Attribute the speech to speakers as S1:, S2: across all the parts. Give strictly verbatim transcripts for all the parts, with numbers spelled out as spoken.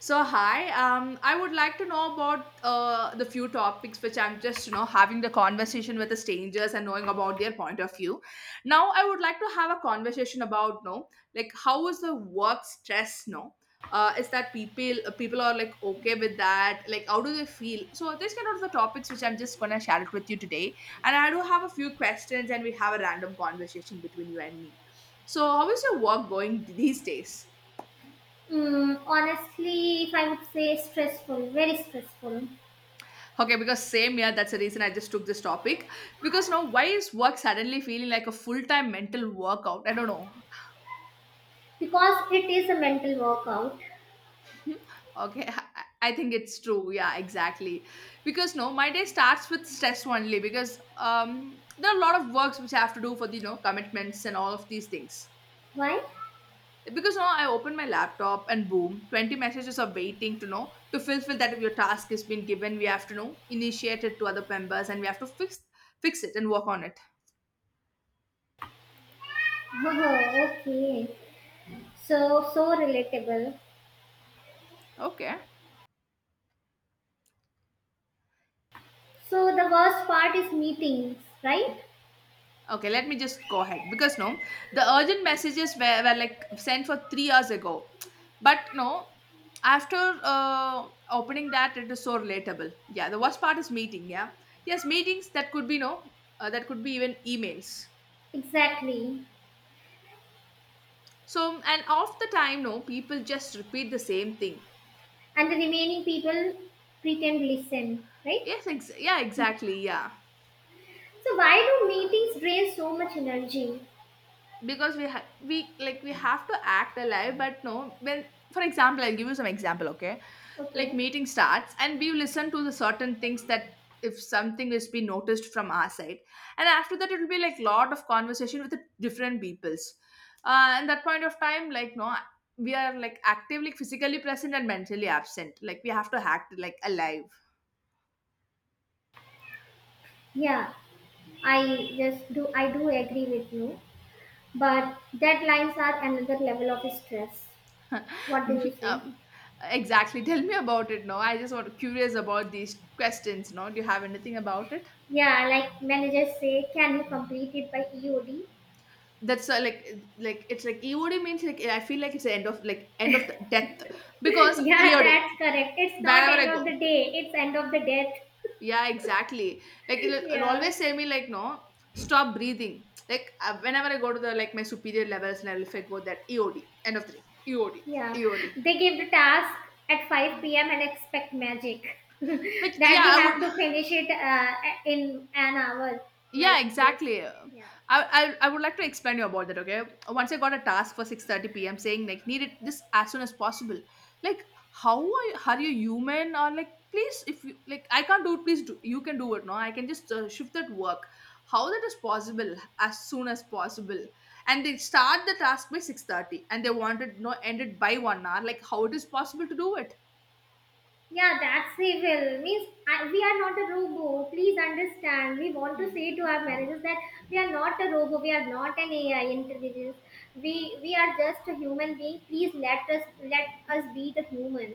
S1: So hi, um, I would like to know about uh, the few topics which I'm just you know having the conversation with the strangers and knowing about their point of view. Now I would like to have a conversation about no, like how is the work stress no. Uh, is that people uh, people are like okay with that, like how do they feel, so these kind of the topics which I'm just gonna share it with you today, and I do have a few questions and we have a random conversation between you and me. So how is your work going these days?
S2: Mm, honestly, if I would say stressful, very stressful,
S1: Okay, because same, yeah, that's the reason I just took this topic. Because now, why is work suddenly feeling like a full time mental workout? I don't know.
S2: because it is a mental workout.
S1: Okay, I I think it's true. Yeah, exactly. Because no, my day starts with stress only because um, there are a lot of works which I have to do for the you know commitments and all of these things.
S2: Why?
S1: Because now I open my laptop and boom, twenty messages are waiting to know to fulfill that your task has been given. We have to know initiate it to other members and we have to fix fix it and work on it.
S2: Oh, okay. So, so relatable.
S1: Okay.
S2: So, the worst part is meetings, right?
S1: Okay, let me just go ahead because no, the urgent messages were, were like sent for three hours ago, but no, after uh, opening that, it is so relatable. Yeah, the worst part is meeting. Yeah, yes, meetings that could be no, uh, that could be even emails.
S2: Exactly.
S1: So, and off the time, no, people just repeat the same thing.
S2: And the remaining people pretend listen, right?
S1: Yes, ex- yeah, exactly, yeah.
S2: So, why do meetings drain so much energy?
S1: because we ha- we like we have to act alive, but no, when, for example, I'll give you some example, okay. Like
S2: Okay.
S1: meeting starts and we listen to the certain things that if something is being noticed from our side, and after that it will be like lot of conversation with the different peoples, uh, and that point of time like no, we are like actively physically present and mentally absent, like we have to act like alive.
S2: Yeah, I just do, I do agree with you. But deadlines are another level of stress. What do you say?
S1: um, exactly, tell me about it, no, I just want curious about these questions, no, do you have anything about it?
S2: Yeah, like managers say, can you complete it by E O D?
S1: That's uh, like like it's like E O D means, like I feel like it's the end of, like end of the death, because
S2: Yeah,
S1: E O D,
S2: that's correct. It's not
S1: wherever I
S2: end of
S1: go,
S2: the day, it's end of the death.
S1: yeah exactly, like it'll, it'll
S2: Yeah.
S1: always say me like no, stop breathing, like uh, whenever I go to the, like my superior levels level, if I go that E O D, end of the day, E O D,
S2: Yeah.
S1: E O D,
S2: They give the task at five p m and expect magic.
S1: like
S2: That
S1: yeah
S2: we
S1: I
S2: have
S1: would.
S2: to finish it uh, in an hour like
S1: Yeah,
S2: this.
S1: exactly. Um,
S2: Yeah.
S1: I, I I would like to explain you about that. Okay, once I got a task for six thirty p m saying like need it this as soon as possible. Like how are you are you human, or like please, if you like I can't do it, please, do you can do it, no, I can just uh, shift that work. How that is possible as soon as possible, and they start the task by six thirty and they want it no ended by one hour. Like how it is possible to do
S2: Yeah, that's the Means I, we are not a robot. Please understand. We want to
S1: it?
S2: say to our managers that we are not a robot. We are not an A I intelligence. We we are just a human being. Please let us let us be the human.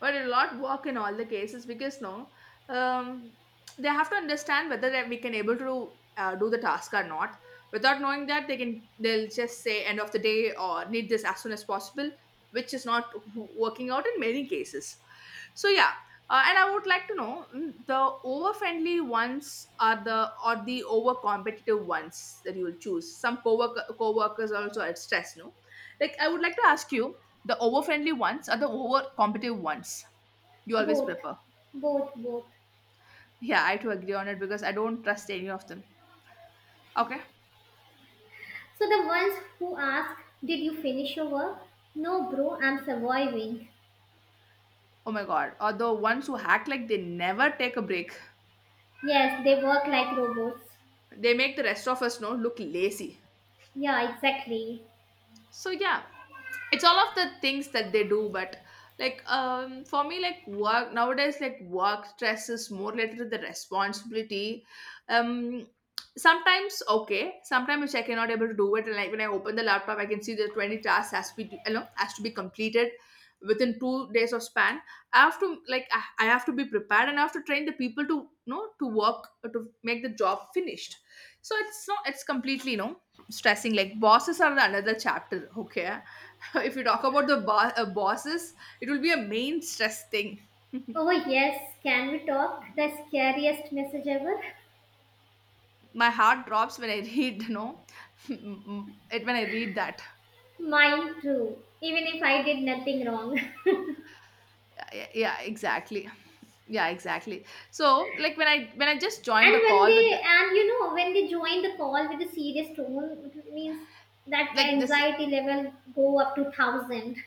S1: But it'll not work in all the cases because no, um, they have to understand whether that we can able to uh, do the task or not, without knowing that they can they'll just say end of the day or need this as soon as possible, which is not working out in many cases. So yeah, uh, and I would like to know, mm, the over friendly ones are the, or the over competitive ones that you will choose? Some co-worker co-workers also are stressed, no. Like I would like to ask you, the over friendly ones are the over competitive ones. You always
S2: Both,
S1: prefer.
S2: both, both.
S1: Yeah, I too agree on it because I don't trust any of them. Okay.
S2: So the ones who ask, "Did you finish your work?" No, bro. I'm surviving.
S1: Oh my god. Or the ones who act like they never take a break.
S2: Yes, they work like robots.
S1: They make the rest of us know look lazy.
S2: Yeah, exactly.
S1: So yeah, it's all of the things that they do, but like um for me, like work nowadays, like work stress is more related to the responsibility, um sometimes, okay, sometimes which I cannot able to do it. And like when I open the laptop I can see the twenty tasks has to be you know has to be completed within two days of span. I have to, like i I have to be prepared and I have to train the people to you know to work to make the job finished. So it's not, it's completely you know stressing, like bosses are another chapter, okay. If you talk about the bo- uh, bosses, it will be a main stress thing.
S2: Oh yes, can we talk? The scariest message ever.
S1: My heart drops when I read, you know it when I read that.
S2: Mine too, even if I did nothing wrong.
S1: Yeah, yeah exactly, yeah exactly. So like when i when I just
S2: And
S1: joined the
S2: when
S1: call with the,
S2: they, and you know, When they join the call with a serious tone, it means that
S1: like this,
S2: anxiety level go up to thousand.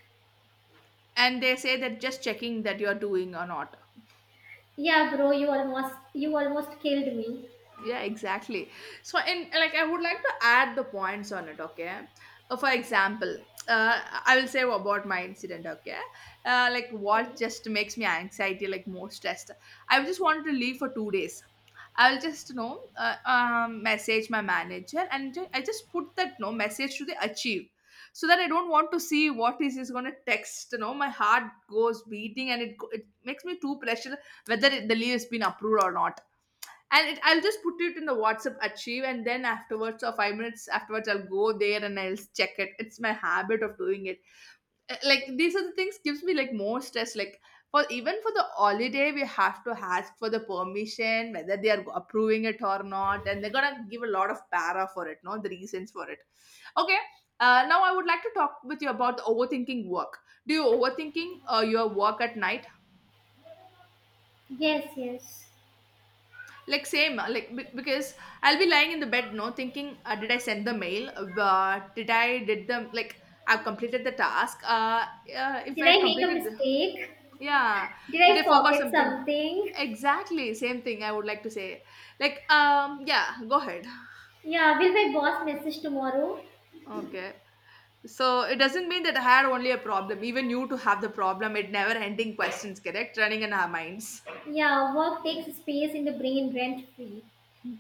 S1: and they say that just checking that you're doing or not.
S2: Yeah, bro, you almost, you almost killed me.
S1: Yeah, exactly. So, and like I would like to add the points on it, okay. Uh, for example, uh, I will say about my incident, okay. Uh, like what
S2: Okay.
S1: just makes me anxiety, like more stressed. I just wanted to leave for two days. I will just you know uh, um, message my manager, and ju- I just put that no message to the achieve, so that I don't want to see what is is going to text, you know my heart goes beating, and it go- it makes me too pressure, whether it, the leave has been approved or not. And it, I'll just put it in the WhatsApp Achieve, and then afterwards, or five minutes afterwards, I'll go there and I'll check it. It's my habit of doing it. Uh, Like these are the things gives me like more stress. Like for even for the holiday, we have to ask for the permission whether they are approving it or not, and they're gonna give a lot of para for it. No, the reasons for it. Okay. Uh, now I would like to talk with you about the overthinking work. Do you overthinking uh, your work at night?
S2: Yes, yes.
S1: Like same, uh, like be- because I'll be lying in the bed no, thinking, uh, did I send the mail, uh, did I did the like I've completed the task, uh, uh if
S2: Did
S1: I
S2: I make a
S1: completed the,
S2: mistake?
S1: yeah,
S2: Did
S1: did
S2: I
S1: I forgot
S2: forget
S1: something.
S2: something?
S1: Exactly same thing I would like to say. Like um yeah, go ahead.
S2: Yeah, will my boss message tomorrow?
S1: Okay, so it doesn't mean that I had only a problem, even you to have the problem. It never ending questions correct running in our minds.
S2: Yeah, work takes space in the brain rent free.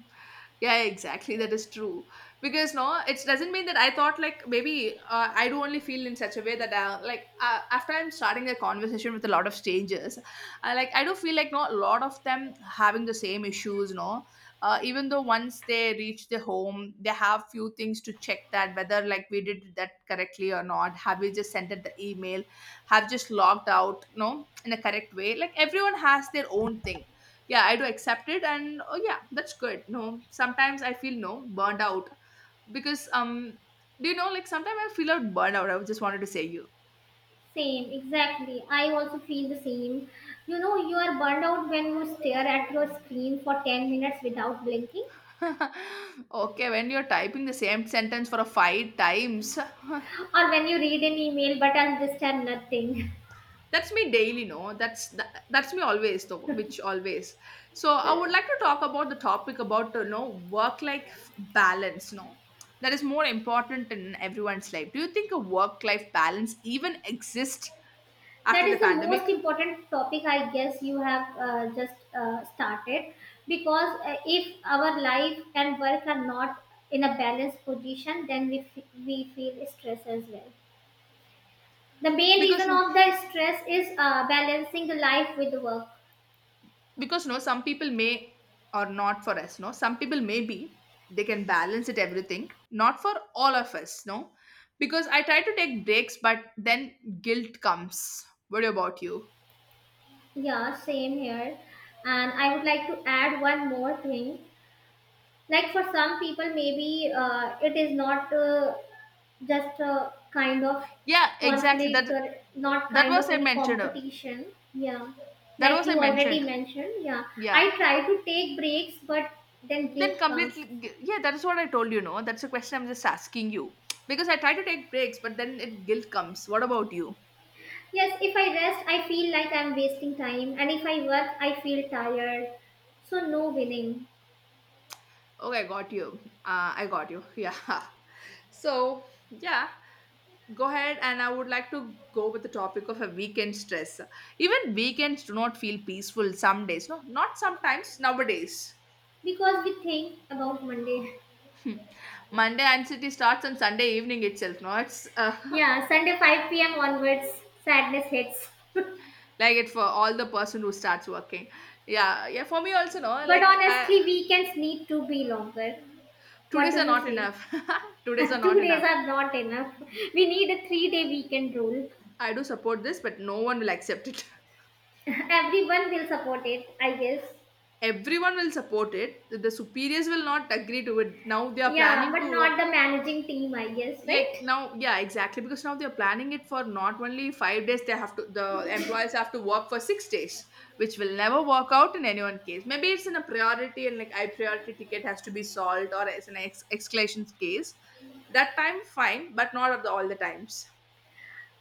S1: Yeah, exactly. That is true. Because no, it doesn't mean that I thought like maybe uh, I do only feel in such a way that uh, like uh, after I'm starting a conversation with a lot of strangers, I like I do feel like no, a lot of them having the same issues. No, uh, even though once they reach the home, they have few things to check that whether like we did that correctly or not. Have we just sent it the email? Have just logged out? No, in a correct way. Like everyone has their own thing. Yeah, I do accept it. And oh yeah, that's good. No, sometimes I feel no burned out, because um do you know, like sometimes I feel out burned out, I just wanted to say you.
S2: Same, exactly. I also feel the same. You know, you are burned out when you stare at your screen for ten minutes without blinking,
S1: Okay, when you're typing the same sentence for a five times.
S2: or when you read an email but understand nothing.
S1: That's me daily, no, that's that, that's me always, though, which always. So I would like to talk about the topic about you know work life balance, no, that is more important in everyone's life. Do you think a work life balance even exists after
S2: That
S1: the
S2: is the
S1: pandemic?
S2: most important topic, I guess, you have uh, just uh, started. Because uh, if our life and work are not in a balanced position, then we, f- we feel stress as well. The main
S1: because
S2: reason
S1: no,
S2: of the stress is uh, balancing the life with the work.
S1: because no, some people may, or not for us no, some people may be they can balance it everything, not for all of us no. Because I try to take breaks but then guilt comes, what about you?
S2: Yeah, same here. And I would like to add one more thing. Like for some people, maybe uh, it is not uh, just a kind of
S1: Yeah, exactly,
S2: conflict
S1: that.
S2: or not
S1: that
S2: kind
S1: was
S2: of
S1: i
S2: any
S1: mentioned
S2: competition. Yeah.
S1: that
S2: Like
S1: was I
S2: you already
S1: mentioned.
S2: mentioned. Yeah.
S1: Yeah.
S2: I try to take breaks, but then
S1: Then
S2: guilt comes.
S1: completely g- yeah, that is what I told you no. That's a question I'm just asking you. Because I try to take breaks but then it guilt comes, what about you?
S2: Yes, if I rest, I feel like I'm wasting time. And if I work, I feel tired. So no winning
S1: Okay, I got you. uh, I got you. Yeah. So yeah, go ahead. And I would like to go with the topic of a weekend stress. Even weekends do not feel peaceful some days, no, not sometimes, nowadays.
S2: because we think about Monday.
S1: Hmm. Monday anxiety starts on Sunday evening itself, no, it's uh,
S2: Yeah, Sunday five p m onwards, sadness hits.
S1: like it for all the person who starts working. Yeah, yeah, for me also, no,
S2: But
S1: like I,
S2: honestly, weekends need to be longer.
S1: two
S2: What
S1: days
S2: do
S1: are
S2: you
S1: not
S2: say?
S1: enough. Two days are
S2: Two
S1: not
S2: days
S1: enough.
S2: are not enough. We need a three day weekend rule.
S1: I do support this, but no one will accept it.
S2: Everyone will support it, I guess.
S1: Everyone will support it. The superiors will not agree to it. Now they are
S2: Yeah,
S1: planning
S2: but
S1: to,
S2: not the managing team, I guess,
S1: like
S2: right?
S1: now, yeah, exactly, because now they're planning it for not only five days, they have to, the employees have to work for six days, which will never work out in anyone's case. Maybe it's in a priority and like I priority ticket has to be solved or as an ex- escalation case, that time fine, but not of the all the times.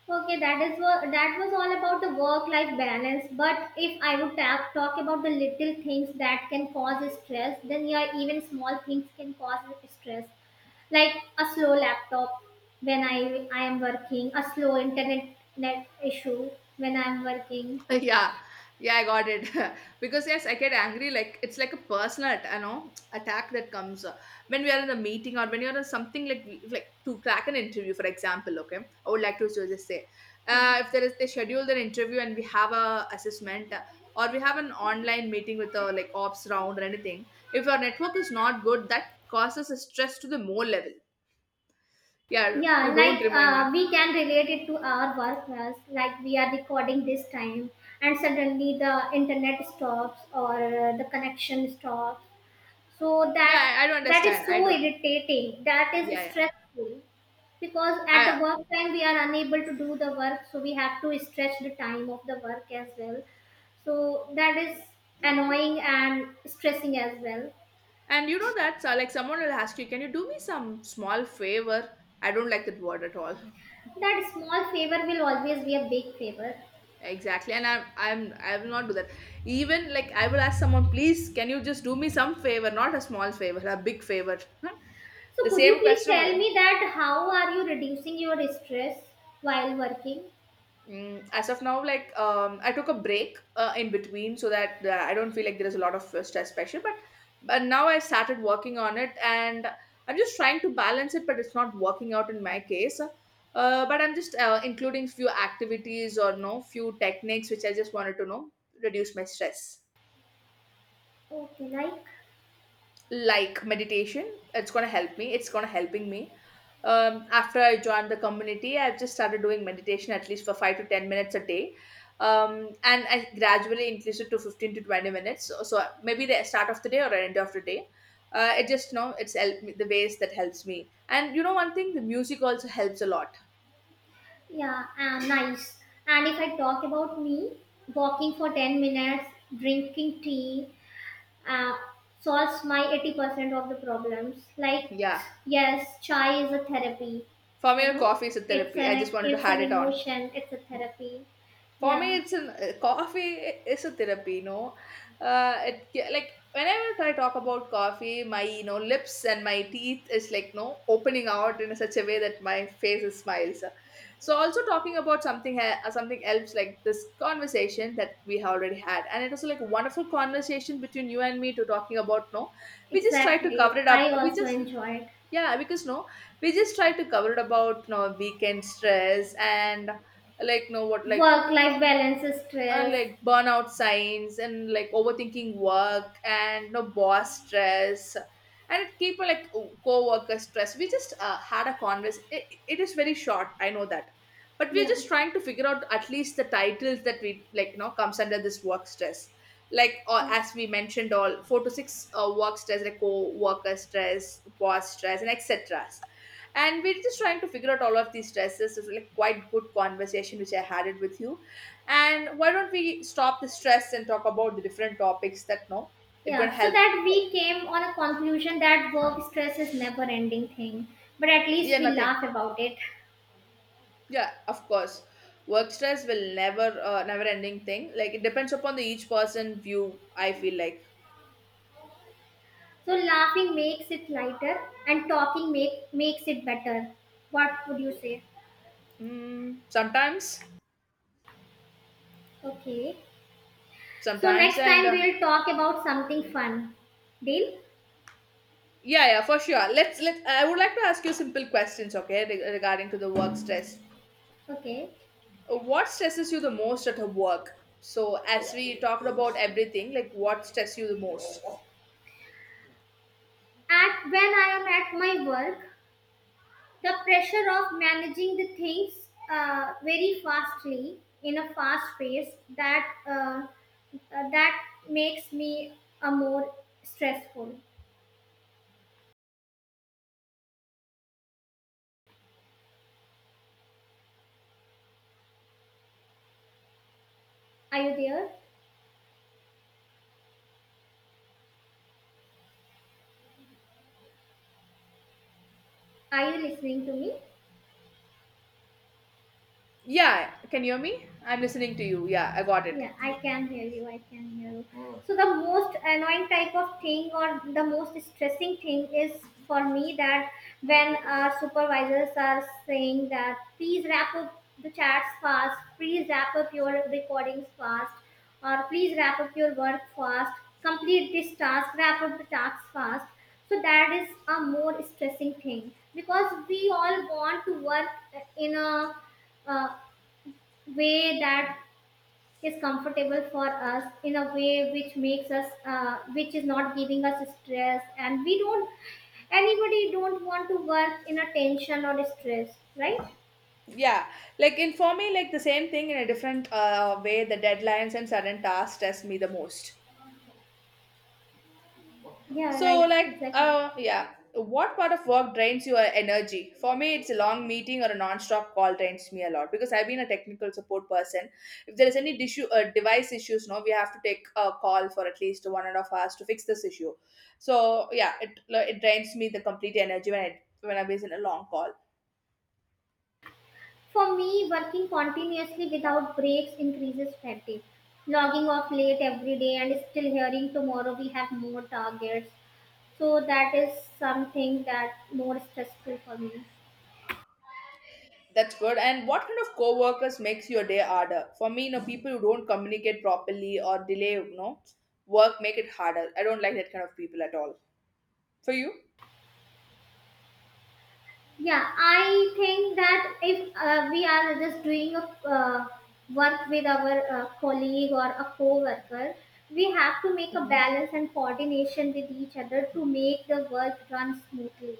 S2: Okay, that is what that was all about the work-life balance. But if I would ta- talk about the little things that can cause stress, then yeah, even small things can cause stress, like a slow laptop when I I am working, a slow internet net issue when I am working.
S1: Yeah, yeah, I got it. Because yes, I get angry, like it's like a personal at- you know attack that comes uh, when we are in a meeting or when you're in something like we- like to crack an interview, for example. Okay, I would like to so just say,
S2: Yeah,
S1: uh, if there is, they schedule an interview and we have a assessment, uh, or we have an online meeting with a, like, ops round or anything, if our network is not good, that causes a stress to the more level. Yeah,
S2: yeah,
S1: you
S2: like
S1: don't remind me.
S2: uh, we can relate it to our work as like we are recording this time, and suddenly the internet stops or uh, the connection stops so
S1: Yeah,
S2: that
S1: i, I don't
S2: that
S1: understand,
S2: is so
S1: i don't
S2: irritating, that
S1: Yeah,
S2: is
S1: yeah,
S2: stressful because at the
S1: I,
S2: work time we are unable to do the work so we have to stretch the time of the work as well, so that is annoying and stressing as well.
S1: and you know that's uh, like someone will ask you, can you do me some small favor? I don't like that word at all.
S2: That small favor will always be a big favor.
S1: Exactly, and I'm I'm I will not do that. Even like I will ask someone, please, can you just do me some favor, not a small favor, a big favor.
S2: So
S1: The
S2: could you
S1: same
S2: please
S1: question.
S2: tell
S1: will-
S2: me that how are you reducing your stress while working?
S1: Mm, as of now, like um, I took a break uh, in between so that uh, I don't feel like there is a lot of uh, stress pressure. But but now I started working on it, and I'm just trying to balance it, but it's not working out in my case. Uh, but I'm just uh, including few activities or no few techniques which I just wanted to know reduce my stress.
S2: Okay, like,
S1: Like meditation, it's going to help me, it's going to helping me, um, after I joined the community, I've just started doing meditation at least for five to ten minutes a day. Um, and I gradually increased it to fifteen to twenty minutes, so, so maybe the start of the day or end of the day, uh, it just you know it's helped me, the ways that helps me. And you know one thing, the music also helps a lot.
S2: yeah, uh, nice. And if I talk about me, walking for ten minutes, drinking tea, uh, solves my eighty percent of the problems. Like,
S1: Yeah,
S2: yes, chai is a therapy,
S1: for
S2: you
S1: me,
S2: know,
S1: coffee is a
S2: it's
S1: therapy, I just
S2: an,
S1: wanted to
S2: it's
S1: add
S2: an
S1: it on.
S2: emotion, it's a therapy.
S1: For me,
S2: Yeah,
S1: it's an uh, coffee is a therapy. You know, uh, it ca- like whenever I talk about coffee, my you know lips and my teeth is like no opening out in such a way that my face smiles. So also talking about something e- uh, something else, like this conversation that we have already had, and it was like a wonderful conversation between you and me to talking about no. We just try to cover
S2: exactly.
S1: it up.
S2: I
S1: We
S2: also
S1: just
S2: enjoy it.
S1: Yeah, because no, we just try to cover it about no weekend stress and like no what like
S2: Work-life balance is
S1: uh,
S2: stress.
S1: like burnout signs and like overthinking work and no boss stress, and it keep uh, like co-worker stress, we just uh, had a converse, it, it is very short, I know that, but we're
S2: Yeah.
S1: just trying to figure out at least the titles that we like you know comes under this work stress, like or
S2: Yes.
S1: as we mentioned, all four to six uh, work stress, like co-worker stress, boss stress and etc. And we're just trying to figure out all of these stresses. It's like quite good conversation which I had it with you. And why don't we stop the stress and talk about the different topics that no, it gonna
S2: Yeah, so
S1: help.
S2: that we came on a conclusion that work stress is never ending thing, but at least
S1: Yeah,
S2: we
S1: nothing.
S2: laugh about it.
S1: Yeah, of course. Work stress will never, uh, never ending thing. Like it depends upon the each person view. I feel like
S2: So laughing makes it lighter and talking make makes it better. What would you say?
S1: mm, sometimes.
S2: Okay. So
S1: Sometimes,
S2: next
S1: and
S2: time
S1: uh,
S2: we'll talk about something fun. Deal?
S1: yeah, yeah, for sure. Let's let. I would like to ask you simple questions, okay, reg- regarding to the work stress.
S2: Okay.
S1: Uh, What stresses you the most at a work? So as we talked about everything, like what stresses you the most?
S2: At When I am at my work, the pressure of managing the things uh, very fastly in a fast pace that uh, uh, that makes me a more stressful. Are you there? Are you listening to me?
S1: Yeah, can you hear me? I'm listening to you. Yeah, I got it.
S2: Yeah, I can hear you. I can hear you. So the most annoying type of thing or the most stressing thing is for me that when our supervisors are saying that please wrap up the chats fast, please wrap up your recordings fast, or please wrap up your work fast, complete this task, wrap up the task fast. So that is a more stressing thing because we all want to work in a uh, way that is comfortable for us in a way which makes us uh, which is not giving us stress, and we don't anybody don't want to work in a tension or stress, right?
S1: Yeah, like, in for me, like, the same thing in a different uh, way. The deadlines and sudden tasks stress me the most.
S2: Yeah,
S1: So,
S2: right,
S1: like,
S2: exactly.
S1: uh, yeah, what part of work drains your energy? For me, it's a long meeting or a non-stop call drains me a lot because I've been a technical support person. If there is any issue, uh, device issues, no, we have to take a call for at least one and a half hours to fix this issue. So, yeah, it it drains me the complete energy when I when I'm in a long call.
S2: For me working continuously without breaks increases fatigue, logging off late every day and still hearing tomorrow we have more targets. So that is something that more stressful for me.
S1: That's good. And what kind of coworkers makes your day harder? For me, you know, people who don't communicate properly or delay, you know, work make it harder. I don't like that kind of people at all. For you?
S2: Yeah, I think that if uh, we are just doing a uh, work with our uh, colleague or a co-worker, we have to make a
S1: Mhm.
S2: balance and coordination with each other to make the work run smoothly.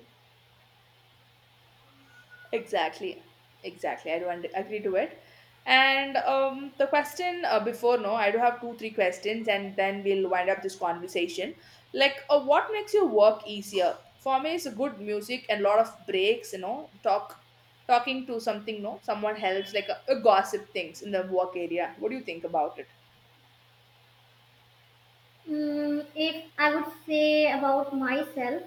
S1: Exactly, exactly. I do und- agree to it. And um, the question uh, before, no, I do have two, three questions, and then we'll wind up this conversation. Like, uh, what makes your work easier? For me, it's good music and lot of breaks. You know, talk, talking to something. No, someone helps, like a, a gossip things in the work area. What do you think about it?
S2: Mm, if I would say about myself,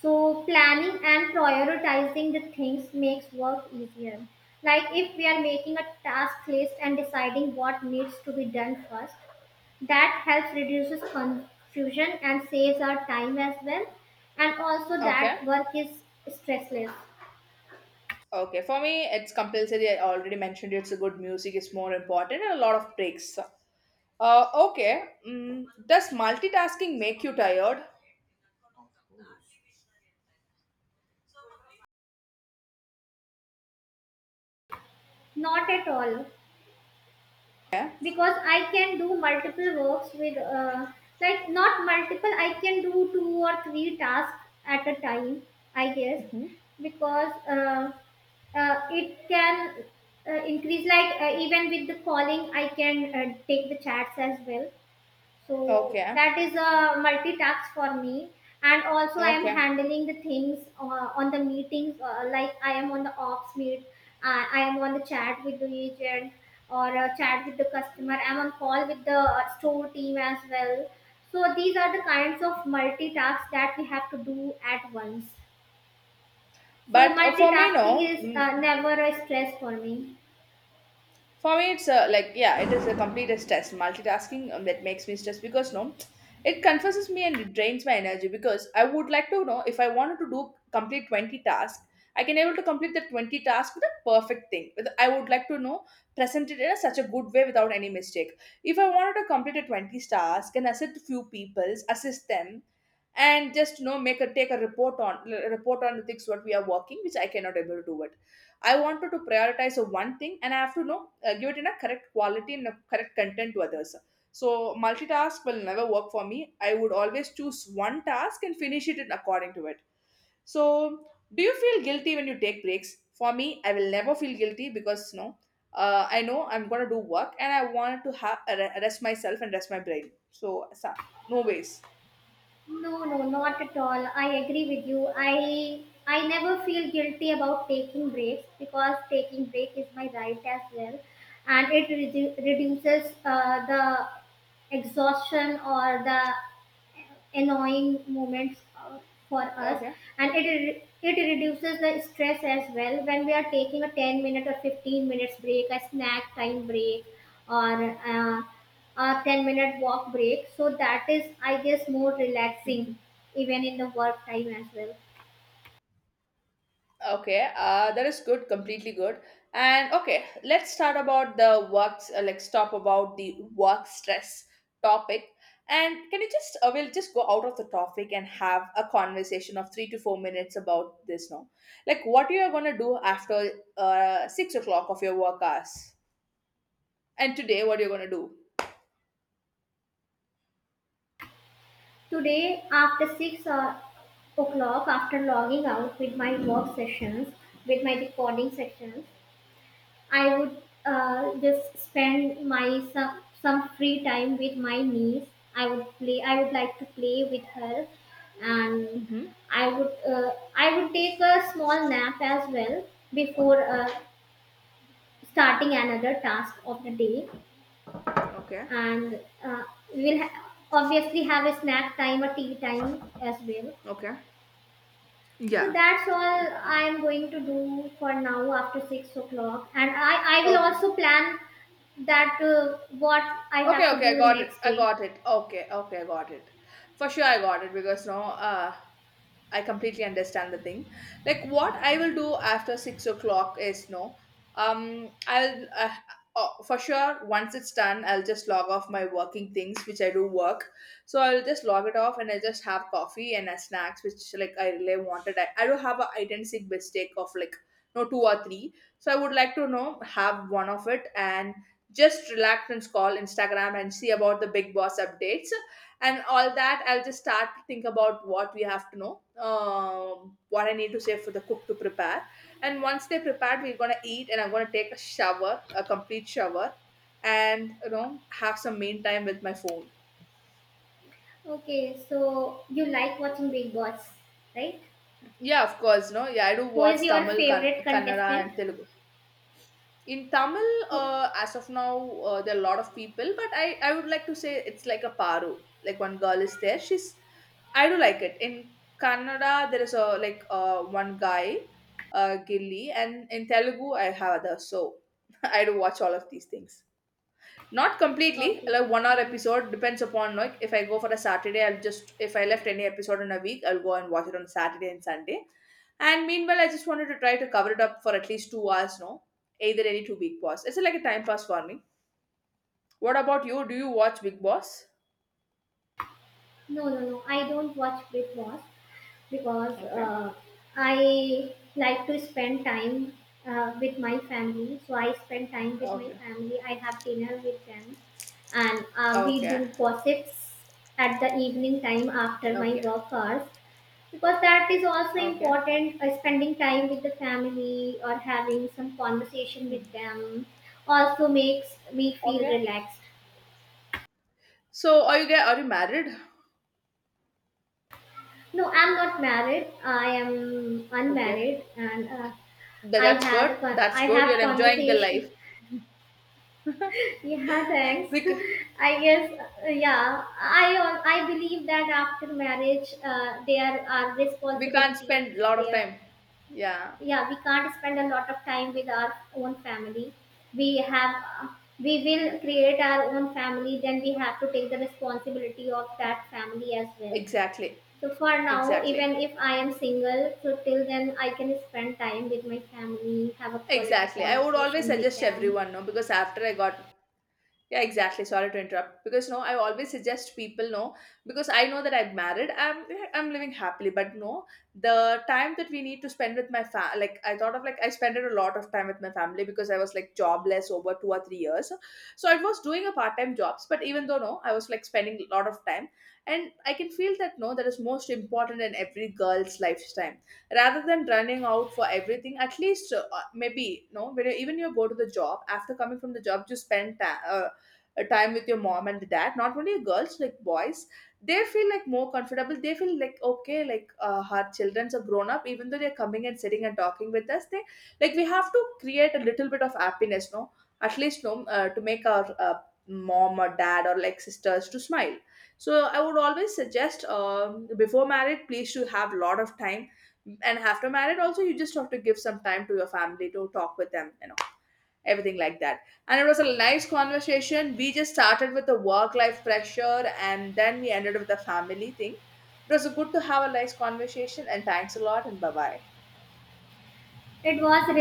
S2: so planning and prioritizing the things makes work easier. Like if we are making a task list and deciding what needs to be done first, that helps reduces confusion and saves our time as well, and also
S1: Okay.
S2: that work is stressless.
S1: Okay, for me, it's compulsory. I already mentioned it's a good music is more important and a lot of breaks. Uh, okay. Mm, does multitasking make you tired?
S2: Not at all,
S1: Yeah.
S2: because I can do multiple works with uh, like not multiple I can do two or three tasks at a time, I guess,
S1: Mhm.
S2: because uh, uh, it can uh, increase like uh, even with the calling I can uh, take the chats as well. So
S1: Okay.
S2: that is a multitask for me. And also, I am
S1: Okay.
S2: handling the things uh, on the meetings, uh, like I am on the ops meet, I I am on the chat with the agent or uh, chat with the customer. I am on call with the uh, store team as well. So these are the kinds of multitasks that we have to do at once. So
S1: But uh, for me,
S2: multitasking
S1: no.
S2: is uh,
S1: Mm,
S2: never a stress for me.
S1: for me, it's uh, like, yeah, it is a complete stress. Multitasking um, that makes me stressed because, no, it confuses me and it drains my energy because I would like to know if I wanted to do complete twenty tasks, I can able to complete the twenty tasks with a perfect thing. With- I would like to know, present it in a, such a good way without any mistake. If I wanted to complete a twenty task and assist few people, assist them, and just you know make a take a report on report on the things what we are working which I cannot able to do it. I wanted to prioritize a one thing, and I have to know uh, give it in a correct quality and a correct content to others. So multitask will never work for me. I would always choose one task and finish it in according to it. So do you feel guilty when you take breaks? For me, I will never feel guilty because no, uh, I know I'm gonna do work and I want to have rest myself and rest my brain. So sa- no ways.
S2: No, no, not at all. I agree with you. I I never feel guilty about taking breaks because taking break is my right as well, and it redu- reduces uh, the exhaustion or the annoying moments uh, for us,
S1: Okay.
S2: and it re- it reduces the stress as well when we are taking a ten minute or fifteen minutes break, a snack time break, or uh, a ten minute walk break, so that is, I guess, more relaxing even in the work time as well.
S1: Okay, uh, that is good, completely good. And okay, let's start about the works. Uh, let's talk about the work stress topic. And can you just uh, we'll just go out of the topic and have a conversation of three to four minutes about this now, like what you are gonna do after uh, six o'clock of your work hours, and today what you're gonna do.
S2: Today after six uh, o'clock, after logging out with my work sessions, with my recording sessions, I would uh, just spend my some some free time with my niece. I would play. I would like to play with her, and
S1: Mm-hmm.
S2: I would, uh, I would take a small nap as well before uh, starting another task of the day,
S1: Okay.
S2: and uh, we will ha- obviously have a snack time, a tea time as well.
S1: Okay.
S2: So
S1: Yeah.
S2: that's all I am going to do for now after six o'clock, and I I will
S1: Okay.
S2: also plan that uh, what I have
S1: Okay,
S2: to
S1: okay,
S2: do
S1: I
S2: the
S1: got it.
S2: next
S1: I
S2: day.
S1: got it. Okay, okay, I got it. For sure, I got it because no, uh, I completely understand the thing. Like what I will do after six o'clock is no, um, I'll uh, uh, for sure once it's done, I'll just log off my working things which I do work. So I'll just log it off and I just have coffee and uh, snacks which like I really wanted. I, I do have a identical mistake of like no two or three. So I would like to know have one of it and just relax and scroll Instagram and see about the Big Boss updates and all that. I'll just start to think about what we have to know, um, what I need to say for the cook to prepare. And once they prepared, we're gonna eat, and I'm gonna take a shower, a complete shower, and you know have some main time with my phone.
S2: Okay, so you like watching Big Boss, right?
S1: Yeah, of course, no, yeah, I do
S2: Who is
S1: watch
S2: your
S1: Tamil, kan-
S2: favorite
S1: Kannada,
S2: contestant?
S1: and Telugu. In Tamil,
S2: Who,
S1: uh, as of now, uh, there are a lot of people, but I, I would like to say it's like a paru. Like one girl is there, she's I do like it. In Kannada, there is a like uh, one guy, uh, Gilli, and in Telugu, I have others. So I do watch all of these things. Not completely,
S2: okay,
S1: like one hour
S2: nice.
S1: episode depends upon like if I go for a Saturday, I'll just if I left any episode in a week, I'll go and watch it on Saturday and Sunday. And meanwhile, I just wanted to try to cover it up for at least two hours. No, either any two Big Boss. It's like a time pass for me. What about you? Do you watch Big Boss?
S2: No, no, no. I don't watch Big Boss, because
S1: Okay.
S2: uh, I like to spend time uh, with my family. So I spend time with my
S1: Okay.
S2: family. I have dinner with them, and uh, we do
S1: Okay.
S2: gossips at the evening time after my
S1: Okay.
S2: work hours, because that is also
S1: Okay.
S2: important. Uh, spending time with the family or having some conversation with them also makes me feel
S1: Okay.
S2: relaxed.
S1: So are you guys are you married?
S2: No, I'm not married. I am
S1: Okay.
S2: unmarried, and uh,
S1: Tha-
S2: I
S1: that's
S2: had
S1: good.
S2: a con-
S1: That's
S2: I
S1: good.
S2: have
S1: You're enjoying the life.
S2: conversation. Yeah, thanks.
S1: We c-
S2: I guess uh, yeah. I al- I believe that after marriage, uh, there are
S1: we can't
S2: responsibilities.
S1: spend a lot of
S2: There,
S1: time. Yeah.
S2: yeah, we can't spend a lot of time with our own family. We have uh, we will create our own family. Then we have to take the responsibility of that family as well.
S1: Exactly.
S2: So for now,
S1: Exactly.
S2: even if I am single, so till then I can spend time with my family, have a quality
S1: Exactly. I would always
S2: conversation with
S1: suggest
S2: them.
S1: everyone, no, because after I got Yeah, exactly. Sorry to interrupt because no, I always suggest people no because I know that I'm married. I'm I'm living happily, but no, the time that we need to spend with my fa like I thought of, like, I spent a lot of time with my family because I was like jobless over two or three years, so I was doing a part time jobs. But even though no, I was like spending a lot of time, and I can feel that no, that is most important in every girl's lifetime. Rather than running out for everything, at least uh, maybe no, when you, even you go to the job after coming from the job, you spend time a time with your mom and dad, not only girls like boys, they feel like more comfortable, they feel like okay, like uh, our children's are grown up, even though they're coming and sitting and talking with us, they like we have to create a little bit of happiness no, at least no uh, to make our uh, mom or dad or like sisters to smile, so I would always suggest, um, before marriage please to have a lot of time, and after marriage also you just have to give some time to your family to talk with them, you know, everything like that. And it was a nice conversation. We just started with the work life pressure and then we ended with the family thing. It was good to have a nice conversation and thanks a lot and bye bye.
S2: It was really